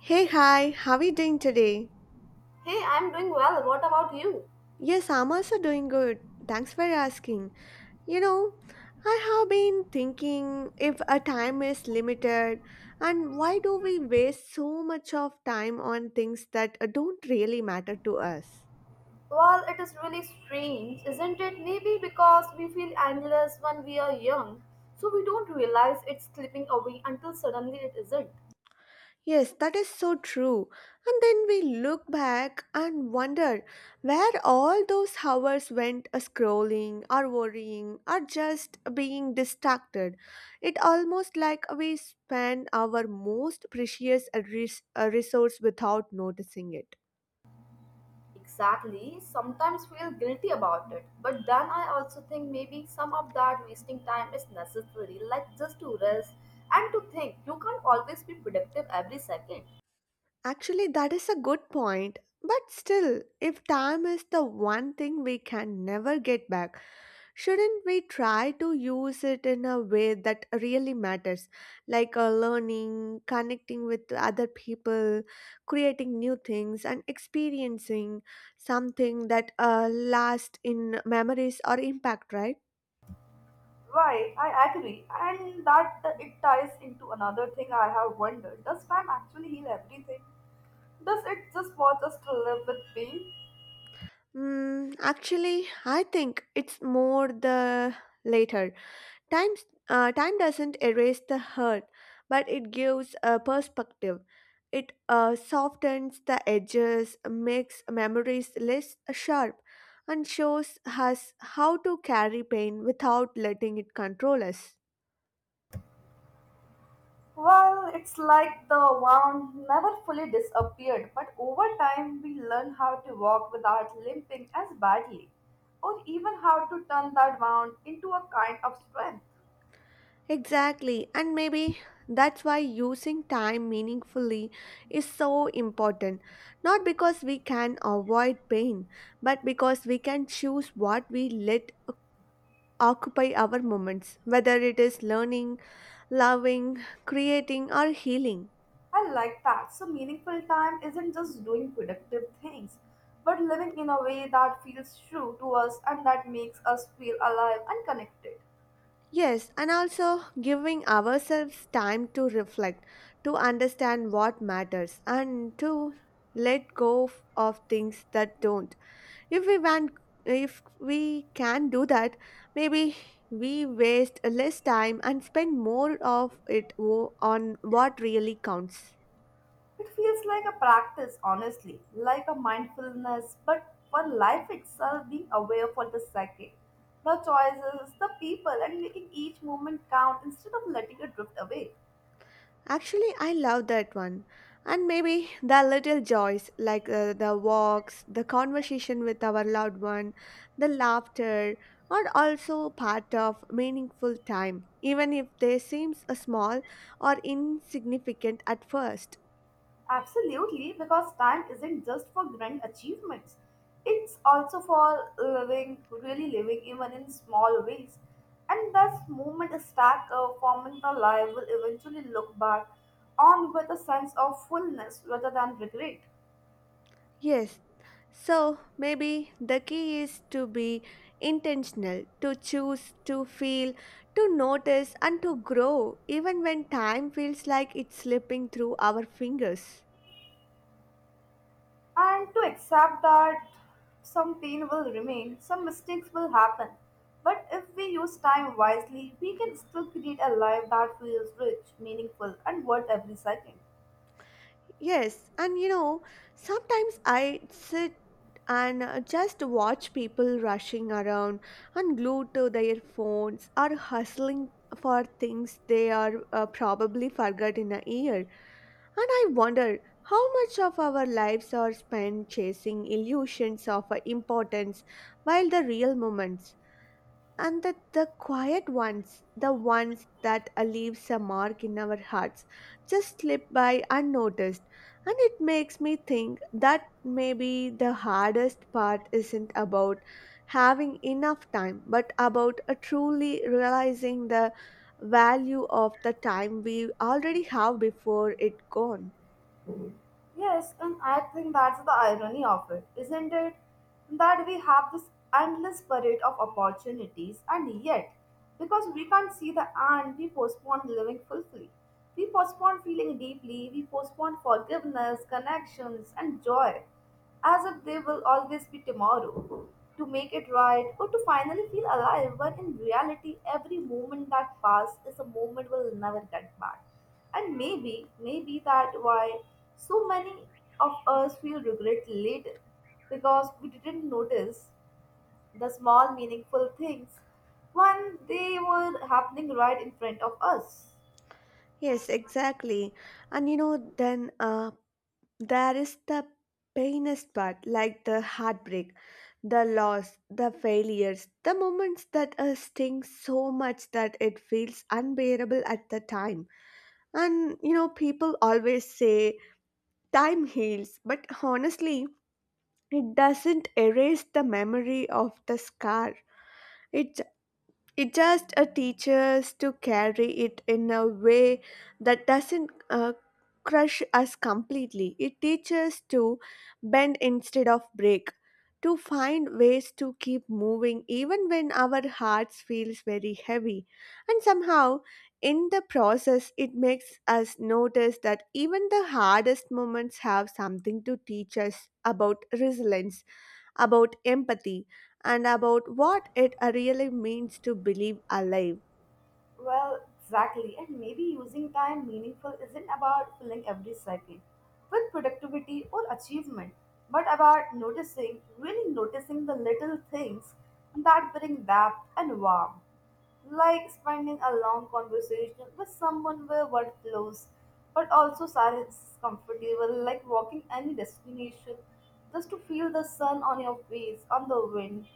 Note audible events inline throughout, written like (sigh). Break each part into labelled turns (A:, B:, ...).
A: Hey, hi, how are you doing today?
B: Hey, I'm doing well. What about you?
A: Yes, I'm also doing good. Thanks for asking. You know, I have been thinking if a time is limited, and why do we waste so much of time on things that don't really matter to us?
B: Well, it is really strange, isn't it? Maybe because we feel endless when we are young, so we don't realize it's slipping away until suddenly it isn't.
A: Yes, that is so true. And then we look back and wonder where all those hours went, scrolling or worrying or just being distracted. It almost like we spend our most precious resource without noticing it.
B: Exactly. Sometimes feel guilty about it, but then I also think maybe some of that wasting time is necessary, like just to rest and to think. You can't always be productive every second.
A: Actually, that is a good point. But still, if time is the one thing we can never get back, shouldn't we try to use it in a way that really matters, like learning, connecting with other people, creating new things, and experiencing something that lasts in memories or impact, right?
B: Right, I agree. And that it ties into another thing I have wondered. Does time actually heal everything? Does it just want us to live with pain?
A: Mm, actually, I think it's more the later. Time, time doesn't erase the hurt, but it gives a perspective. It softens the edges, makes memories less sharp, and shows us how to carry pain without letting it control us.
B: Well, it's like the wound never fully disappeared, but over time we learn how to walk without limping as badly, or even how to turn that wound into a kind of strength.
A: Exactly, and maybe that's why using time meaningfully is so important. Not because we can avoid pain, but because we can choose what we let occupy our moments, whether it is learning, loving, creating, or healing.
B: I like that. So, meaningful time isn't just doing productive things, but living in a way that feels true to us and that makes us feel alive and connected.
A: Yes, and also giving ourselves time to reflect, to understand what matters, and to let go of things that don't. If we want, if we can do that, maybe we waste less time and spend more of it on what really counts.
B: It feels like a practice, honestly, like a mindfulness, but for life itself, being aware for the second, the choices, the people, and making each moment count instead of letting it drift away.
A: Actually, I love that one. And maybe the little joys, like the walks, the conversation with our loved one, the laughter, are also part of meaningful time, even if they seem small or insignificant at first.
B: Absolutely, because time isn't just for grand achievements, it's also for living, really living, even in small ways. And thus, moment stack forming the life will eventually look back on with a sense of fullness rather than regret.
A: Yes, so maybe the key is to be intentional, to choose, to feel, to notice, and to grow, even when time feels like it's slipping through our fingers.
B: And to accept that some pain will remain, some mistakes will happen. But if we use time wisely, we can still create a life that feels rich, meaningful, and worth every second.
A: Yes, and you know, sometimes I sit and just watch people rushing around and glued to their phones or hustling for things they are probably forgot in a year. And I wonder how much of our lives are spent chasing illusions of importance while the real moments and that the quiet ones, the ones that leaves a mark in our hearts, just slip by unnoticed. And it makes me think that maybe the hardest part isn't about having enough time, but about truly realizing the value of the time we already have before it gone.
B: Yes, and I think that's the irony of it, isn't it? That we have this endless parade of opportunities, and yet, because we can't see the end, we postpone living fully. We postpone feeling deeply, we postpone forgiveness, connections, and joy as if there will always be tomorrow, to make it right, or to finally feel alive, when in reality, every moment that passed is a moment we'll never get back. And maybe that why so many of us feel regret later, because we didn't notice the small meaningful things when they were happening right in front of us.
A: Yes, exactly. And you know, then there is the painest part, like the heartbreak. The loss, the failures, the moments that sting so much that it feels unbearable at the time. And you know, people always say time heals, but honestly, it doesn't erase the memory of the scar. It it just teaches to carry it in a way that doesn't crush us completely. It teaches to bend instead of break, to find ways to keep moving even when our hearts feels very heavy. And somehow, in the process, it makes us notice that even the hardest moments have something to teach us about resilience, about empathy, and about what it really means to believe alive.
B: Well, exactly. And maybe using time meaningful isn't about filling every second with productivity or achievement, but about noticing, really noticing the little things that bring depth and warmth. Like spending a long conversation with someone where word flows, but also silence is comfortable, like walking any destination just to feel the sun on your face, on the wind,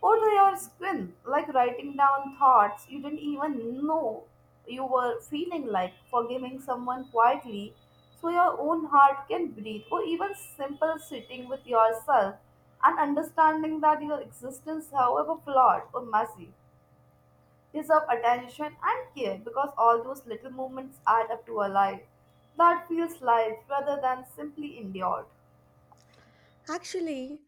B: or to your skin, like writing down thoughts you didn't even know you were feeling like forgiving someone quietly so your own heart can breathe, or even simple sitting with yourself and understanding that your existence, however flawed or messy, deserve attention and care because all those little moments add up to a life that feels life rather than simply endured.
A: Actually,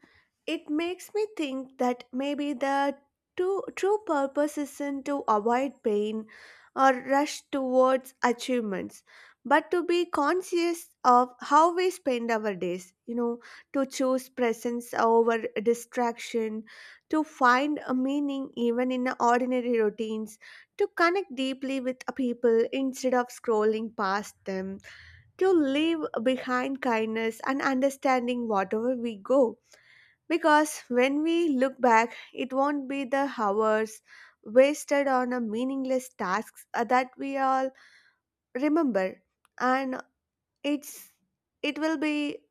A: it makes me think that maybe the true purpose isn't to avoid pain or rush towards achievements, but to be conscious of how we spend our days, you know, to choose presence over distraction, to find a meaning even in ordinary routines, to connect deeply with people instead of scrolling past them, to leave behind kindness and understanding whatever we go. Because when we look back, it won't be the hours wasted on a meaningless tasks, that we all remember, and it's it will be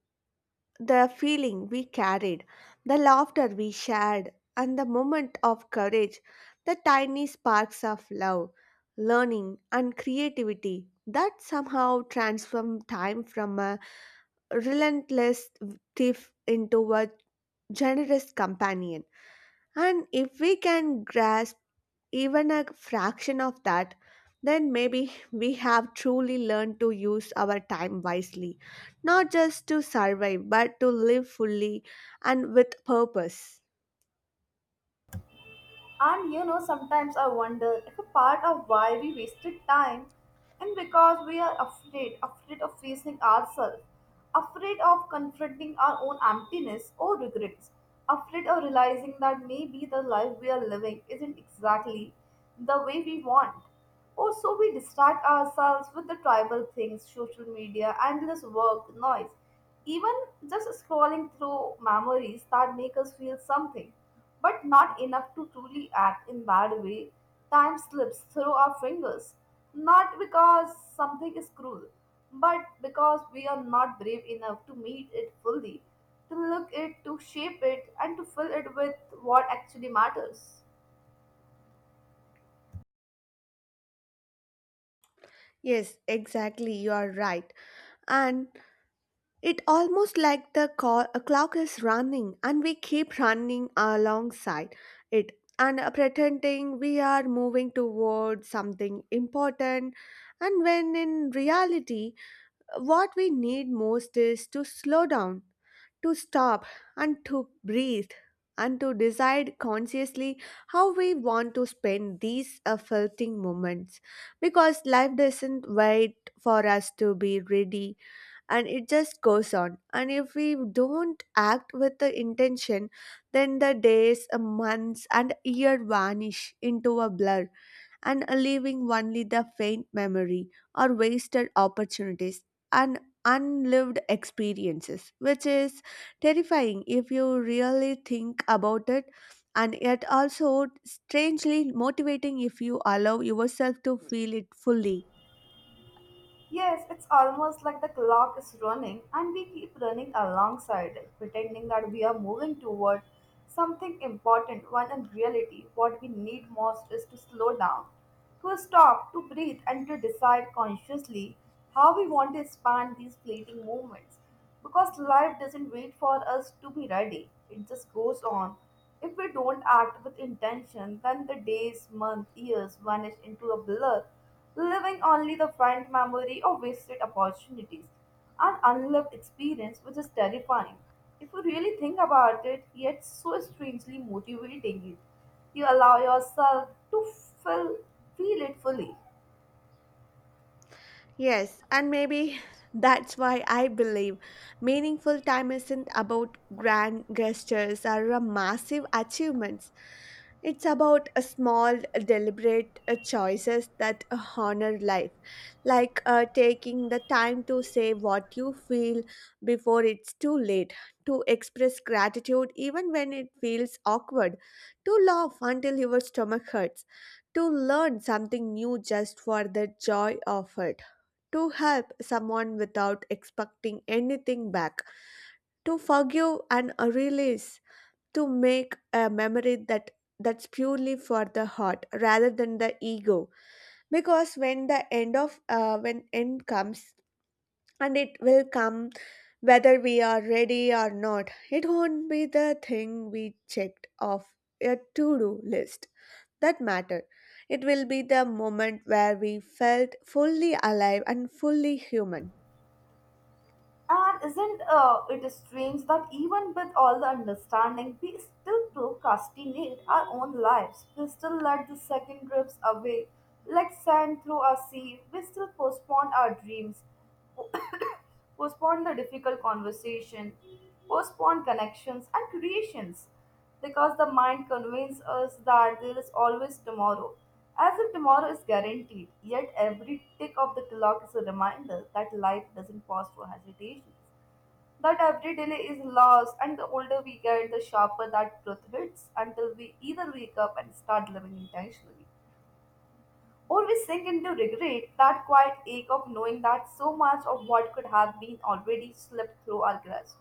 A: the feeling we carried, the laughter we shared, and the moment of courage, the tiny sparks of love, learning, and creativity that somehow transform time from a relentless thief into a generous companion. And if we can grasp even a fraction of that, then maybe (laughs) we have truly learned to use our time wisely, not just to survive, but to live fully and with purpose.
B: And you know, sometimes I wonder if a part of why we wasted time and because we are afraid, afraid of facing ourselves, afraid of confronting our own emptiness or regrets, afraid of realizing that maybe the life we are living isn't exactly the way we want. Or so we distract ourselves with the tribal things, social media, endless work, noise, even just scrolling through memories that make us feel something but not enough to truly act in that way. Time slips through our fingers, not because something is cruel, but because we are not brave enough to meet it fully, to look it, to shape it, and to fill it with what actually matters.
A: Yes, exactly, you are right. And it almost like the a clock is running and we keep running alongside it and pretending we are moving towards something important, and when in reality what we need most is to slow down, to stop, and to breathe, and to decide consciously how we want to spend these affecting moments. Because life doesn't wait for us to be ready and it just goes on. And if we don't act with the intention, then the days, months, and year vanish into a blur and leaving only the faint memory or wasted opportunities and unlived experiences, which is terrifying if you really think about it, and yet also strangely motivating if you allow yourself to feel it fully.
B: Yes, it's almost like the clock is running and we keep running alongside it, pretending that we are moving toward something important when in reality what we need most is to slow down, to stop, to breathe, and to decide consciously how we want to expand these fleeting moments. Because life doesn't wait for us to be ready, it just goes on. If we don't act with intention, then the days, months, years vanish into a blur leaving only the faint memory of wasted opportunities and unloved experience, which is terrifying. If you really think about it, yet so strangely motivating it, you allow yourself to feel, feel it fully.
A: Yes, and maybe (laughs) that's why I believe meaningful time isn't about grand gestures or a massive achievements. It's about a small, deliberate choices that honor life, like taking the time to say what you feel before it's too late, to express gratitude even when it feels awkward, to laugh until your stomach hurts, to learn something new just for the joy of it, to help someone without expecting anything back, to forgive and release, to make a memory that's purely for the heart rather than the ego. Because when the end of when end comes, and it will come whether we are ready or not, it won't be the thing we checked off a to-do list that matter. It will be the moment where we felt fully alive and fully human.
B: And isn't it strange that even with all the understanding, we still procrastinate our own lives? We still let the second drips away like sand through a sea. We still postpone our dreams, (coughs) postpone the difficult conversation, postpone connections and creations because the mind convinces us that there is always tomorrow, as if tomorrow is guaranteed. Yet every tick of the clock is a reminder that life doesn't pause for hesitations, that every delay is lost, and the older we get, the sharper that truth hits until we either wake up and start living intentionally. Or we sink into regret, that quiet ache of knowing that so much of what could have been already slipped through our grasp.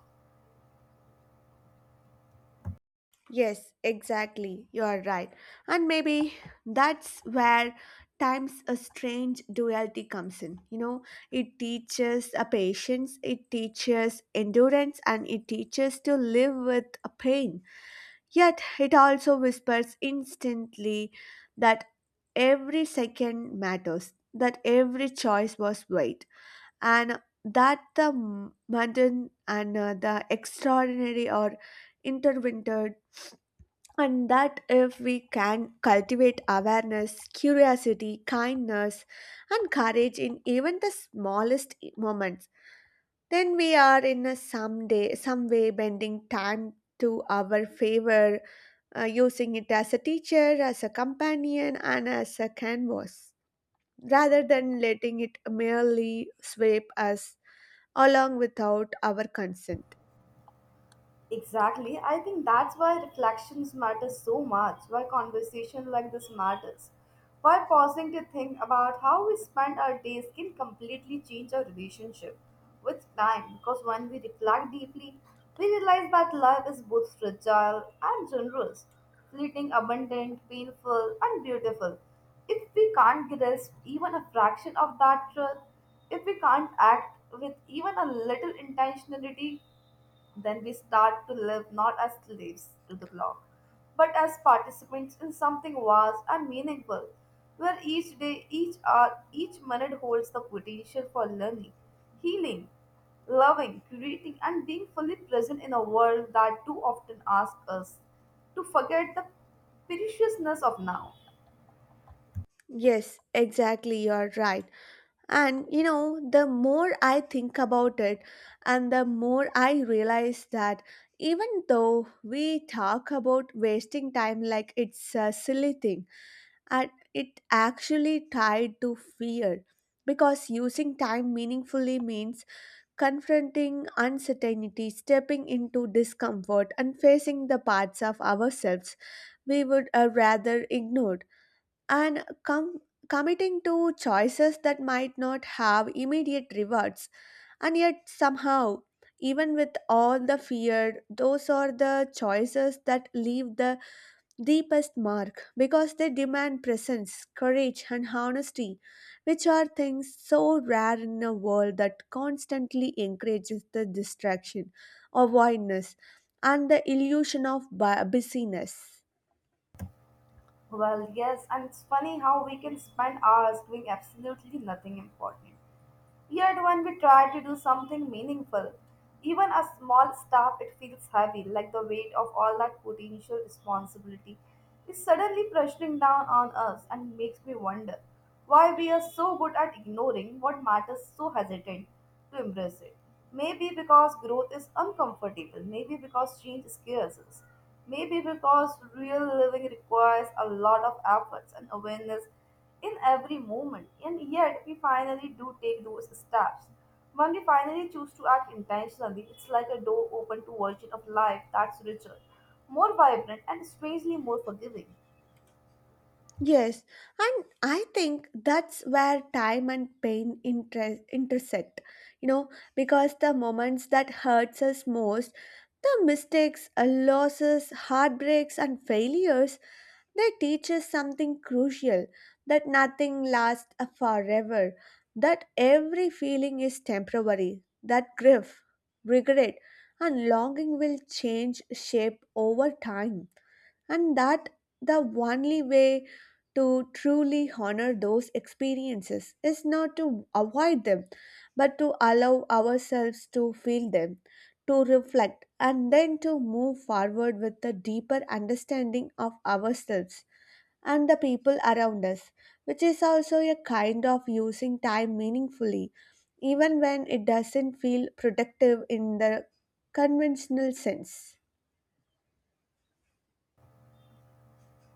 A: Yes, exactly. You are right. And maybe that's where time's a strange duality comes in. You know, it teaches a patience, it teaches endurance, and it teaches to live with a pain. Yet it also whispers instantly that every second matters, that every choice was weight, and that the mundane and the extraordinary or intertwined, and that if we can cultivate awareness, curiosity, kindness, and courage in even the smallest moments, then we are in a someday, some way bending time to our favor, using it as a teacher, as a companion, and as a canvas, rather than letting it merely sweep us along without our consent.
B: Exactly. I think that's why reflections matter so much, why conversation like this matters. Why pausing to think about how we spend our days can completely change our relationship with time because when we reflect deeply, we realize that life is both fragile and generous, fleeting, abundant, painful, and beautiful. If we can't grasp even a fraction of that truth, if we can't act with even a little intentionality, then we start to live not as slaves to the clock, but as participants in something vast and meaningful, where each day, each hour, each minute holds the potential for learning, healing, loving, creating, and being fully present in a world that too often asks us to forget the preciousness of now.
A: Yes, exactly, you're right. And you know, the more I think about it, and the more I realize that even though we talk about wasting time like it's a silly thing, and it actually tied to fear. Because using time meaningfully means confronting uncertainty, stepping into discomfort, and facing the parts of ourselves we would rather ignore, and committing to choices that might not have immediate rewards, and yet somehow, even with all the fear, those are the choices that leave the deepest mark, because they demand presence, courage, and honesty, which are things so rare in a world that constantly encourages the distraction, avoidance, and the illusion of busyness.
B: Well, yes, and it's funny how we can spend hours doing absolutely nothing important. Yet when we try to do something meaningful, even a small step, it feels heavy, like the weight of all that potential responsibility is suddenly pressing down on us and makes me wonder why we are so good at ignoring what matters, so hesitant to embrace it. Maybe because growth is uncomfortable, maybe because change scares us, maybe because real living requires a lot of efforts and awareness in every moment, and yet we finally do take those steps. When we finally choose to act intentionally, it's like a door open to a version of life that's richer, more vibrant, and strangely more forgiving.
A: Yes, and I think that's where time and pain intersect, you know, because the moments that hurts us most, the mistakes, losses, heartbreaks, and failures, they teach us something crucial, that nothing lasts forever, that every feeling is temporary, that grief, regret, and longing will change shape over time, and that the only way to truly honor those experiences is not to avoid them but to allow ourselves to feel them, to reflect, and then to move forward with a deeper understanding of ourselves and the people around us, which is also a kind of using time meaningfully, even when it doesn't feel productive in the conventional sense.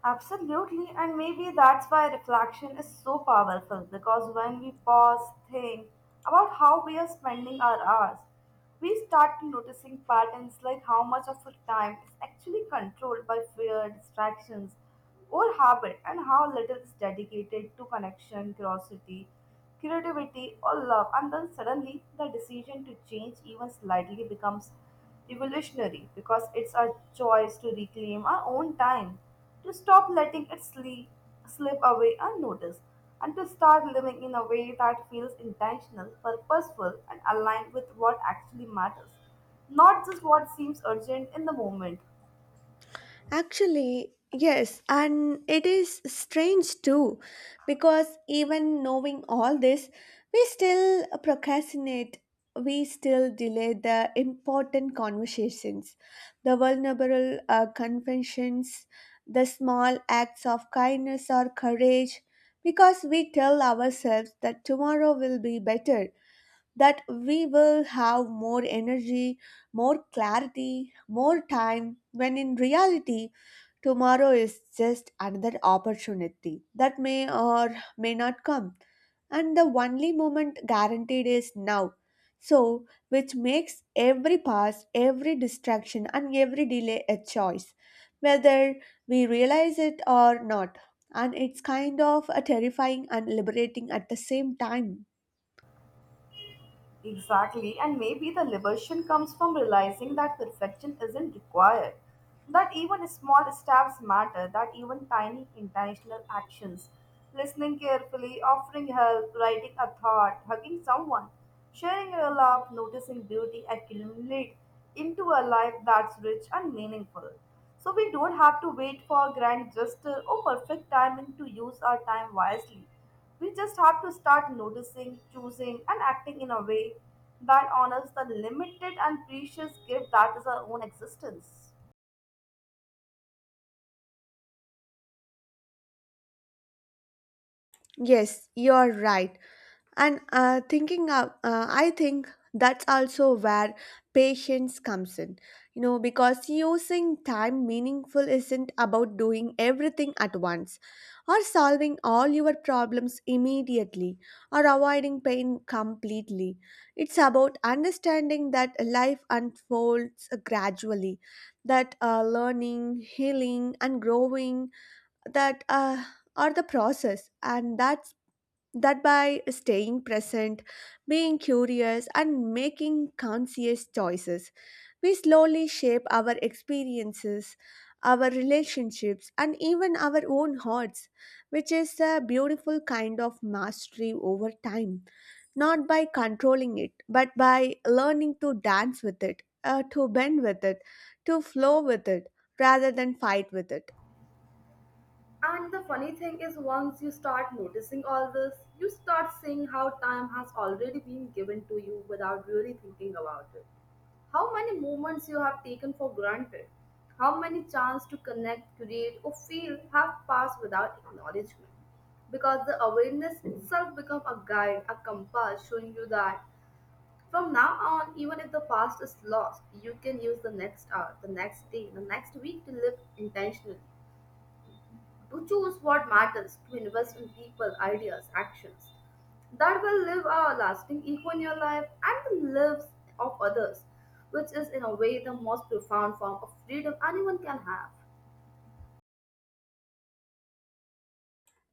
B: Absolutely, and maybe that's why reflection is so powerful because when we pause, think about how we are spending our hours, we start noticing patterns like how much of our time is actually controlled by fear, distractions, or habit, and how little is dedicated to connection, curiosity, creativity, or love, and then suddenly the decision to change even slightly becomes revolutionary because it's our choice to reclaim our own time, to stop letting it sleep, slip away unnoticed, and to start living in a way that feels intentional, purposeful, and aligned with what actually matters, not just what seems urgent in the moment.
A: Actually, yes, and it is strange too, because even knowing all this, we still procrastinate, we still delay the important conversations, the vulnerable confessions, the small acts of kindness or courage, because we tell ourselves that tomorrow will be better, that we will have more energy, more clarity, more time, when in reality, tomorrow is just another opportunity that may or may not come. And the only moment guaranteed is now. So, which makes every pass, every distraction, and every delay a choice, whether we realize it or not. And it's kind of a terrifying and liberating at the same time.
B: Exactly, and maybe the liberation comes from realizing that perfection isn't required, that even small steps matter, that even tiny intentional actions, listening carefully, offering help, writing a thought, hugging someone, sharing a laugh, noticing beauty accumulate into a life that's rich and meaningful. So we don't have to wait for grand gesture or perfect timing to use our time wisely. We just have to start noticing, choosing, and acting in a way that honors the limited and precious gift that is our own existence.
A: Yes, you're right. And I think that's also where patience comes in. You know, because using time meaningful isn't about doing everything at once or solving all your problems immediately or avoiding pain completely. It's about understanding that life unfolds gradually, that learning, healing, and growing that are the process, and that by staying present, being curious, and making conscious choices, we slowly shape our experiences, our relationships, and even our own hearts, which is a beautiful kind of mastery over time. Not by controlling it, but by learning to dance with it, to bend with it, to flow with it, rather than fight with it.
B: And the funny thing is, once you start noticing all this, you start seeing how time has already been given to you without really thinking about it. How many moments you have taken for granted, how many chance to connect, create, or feel have passed without acknowledgement. Because the awareness itself becomes a guide, a compass showing you that from now on, even if the past is lost, you can use the next hour, the next day, the next week to live intentionally to choose what matters, to invest in people, ideas, actions that will leave a lasting echo in your life and the lives of others, which is in a way the most profound form of freedom anyone can have.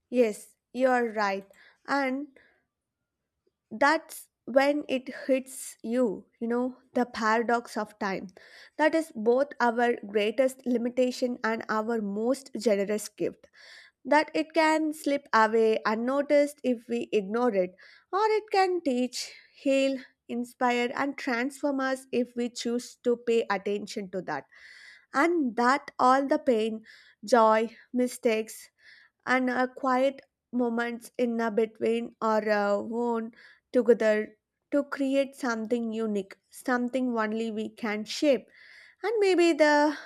A: Yes, you are right. And that's when it hits you, you know, the paradox of time. That is both our greatest limitation and our most generous gift. That it can slip away unnoticed if we ignore it, or it can teach, heal, inspire, and transform us if we choose to pay attention to that. And that all the pain, joy, mistakes, and quiet moments in a between are worn together to create something unique, something only we can shape. And maybe the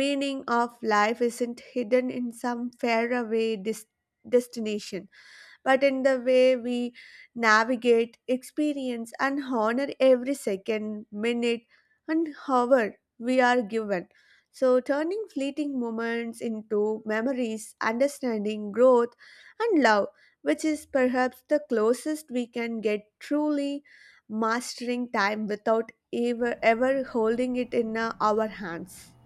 A: meaning of life isn't hidden in some faraway destination but in the way we navigate, experience, and honor every second, minute, and hour we are given. So, turning fleeting moments into memories, understanding, growth, and love, which is perhaps the closest we can get truly mastering time without ever holding it in our hands.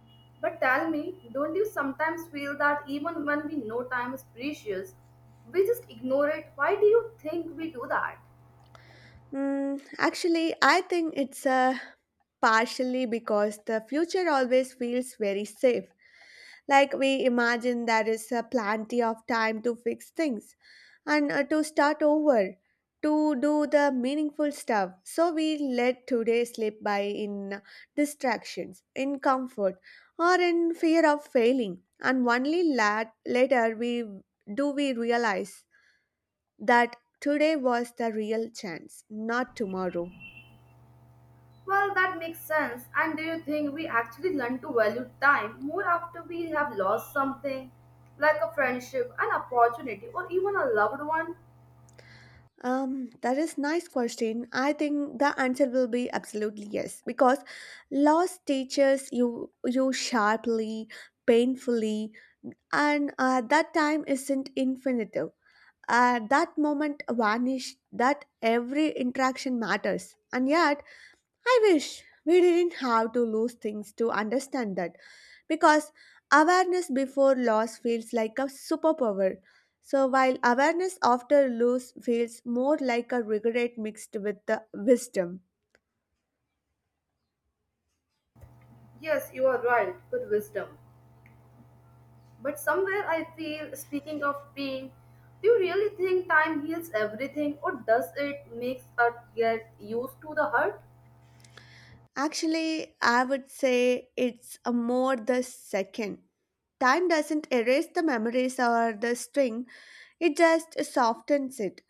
B: But tell me, don't you sometimes feel that even when we know time is precious, we just ignore it? Why do you think we do that?
A: Mm, actually, I think it's partially because the future always feels very safe. Like we imagine there is plenty of time to fix things and to start over, to do the meaningful stuff. So we let today slip by in distractions, in comfort, or in fear of failing. And only later we do we realize that today was the real chance, not tomorrow?
B: Well, that makes sense. And do you think we actually learn to value time more after we have lost something, like a friendship, an opportunity, or even a loved one?
A: That is nice question. I think the answer will be absolutely yes because loss teaches you sharply, painfully, and that time isn't infinitive. That moment vanished. That every interaction matters, and yet I wish we didn't have to lose things to understand that because awareness before loss feels like a superpower. So while awareness after loss feels more like a regret mixed with the wisdom.
B: Yes, you are right, with wisdom. But somewhere I feel, speaking of pain, do you really think time heals everything, or does it make us get used to the hurt?
A: Actually, I would say it's a more the second. Time doesn't erase the memories or the string, it just softens it.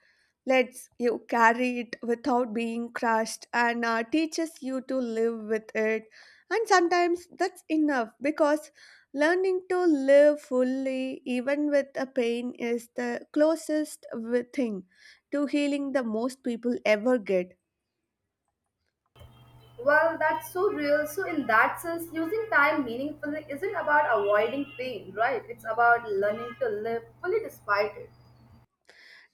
A: Let's you carry it without being crushed and teaches you to live with it. And sometimes that's enough because learning to live fully, even with a pain, is the closest thing to healing the most people ever get.
B: Well, that's so real. So, in that sense, using time meaningfully isn't about avoiding pain, right? It's about learning to live fully despite it.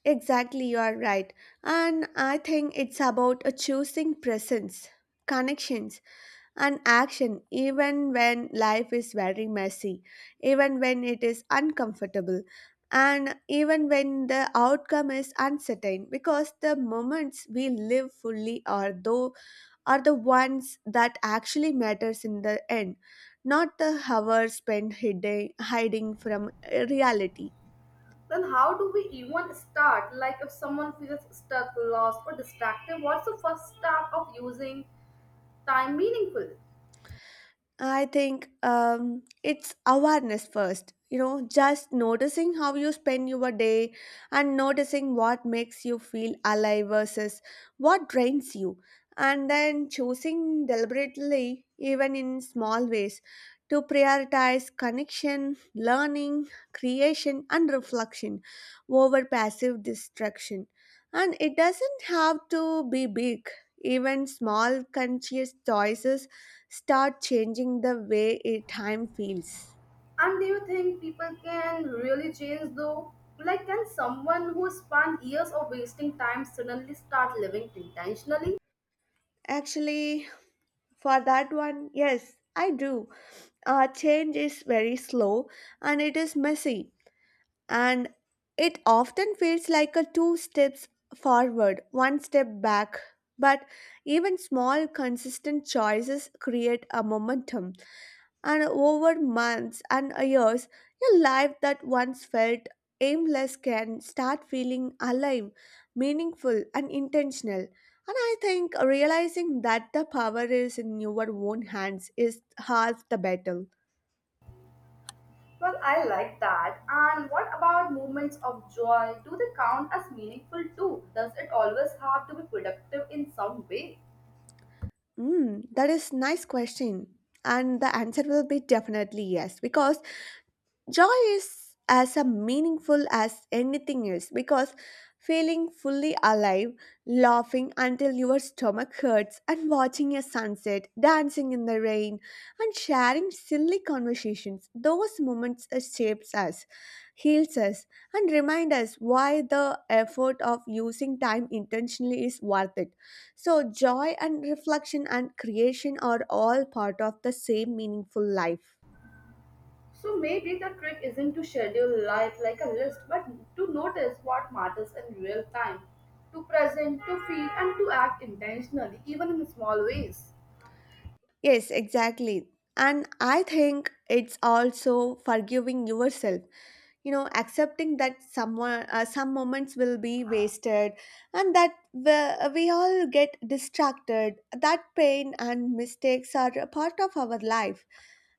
A: Exactly, you are right. And I think it's about choosing presence, connections and action even when life is very messy, even when it is uncomfortable, and even when the outcome is uncertain because the moments we live fully are though are the ones that actually matters in the end, not the hours spent hiding from reality.
B: Then how do we even start? Like if someone feels stuck, lost, or distracted, what's the first step of using time meaningful?
A: I think it's awareness first. You know, just noticing how you spend your day and noticing what makes you feel alive versus what drains you. And then choosing deliberately, even in small ways, to prioritize connection, learning, creation, and reflection over passive distraction. And it doesn't have to be big, even small conscious choices start changing the way time feels?
B: And do you think people can really change though? Like can someone who spent years of wasting time suddenly start living intentionally?
A: Actually, for that one, yes, I do. Change is very slow and it is messy, and it often feels like a two steps forward, one step back. But even small, consistent choices create a momentum, and over months and years, a life that once felt aimless can start feeling alive, meaningful, and intentional. And I think realizing that the power is in your own hands is half the battle.
B: Well, I like that. And what about moments of joy? Do they count as meaningful too? Does it always have to be productive in some way?
A: Mm, that is nice question. And the answer will be definitely yes, because joy is as a meaningful as anything else because feeling fully alive, laughing until your stomach hurts and watching a sunset, dancing in the rain and sharing silly conversations, those moments shapes us, heals us and remind us why the effort of using time intentionally is worth it, so joy and reflection and creation are all part of the same meaningful life.
B: So maybe the trick isn't to schedule life like a list, but to notice what matters in real time, to present, to feel, and to act intentionally, even in small ways.
A: Yes, exactly. And I think it's also forgiving yourself. You know, accepting that someone, some moments will be wasted, and that we all get distracted. That pain and mistakes are a part of our life,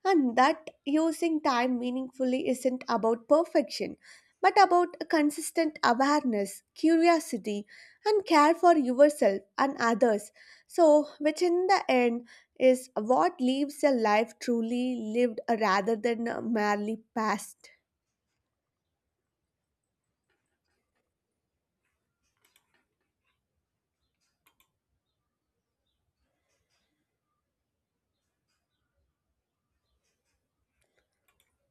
A: and that using time meaningfully isn't about perfection, but about a consistent awareness, curiosity, and care for yourself and others. So, which in the end is what leaves a life truly lived rather than merely passed.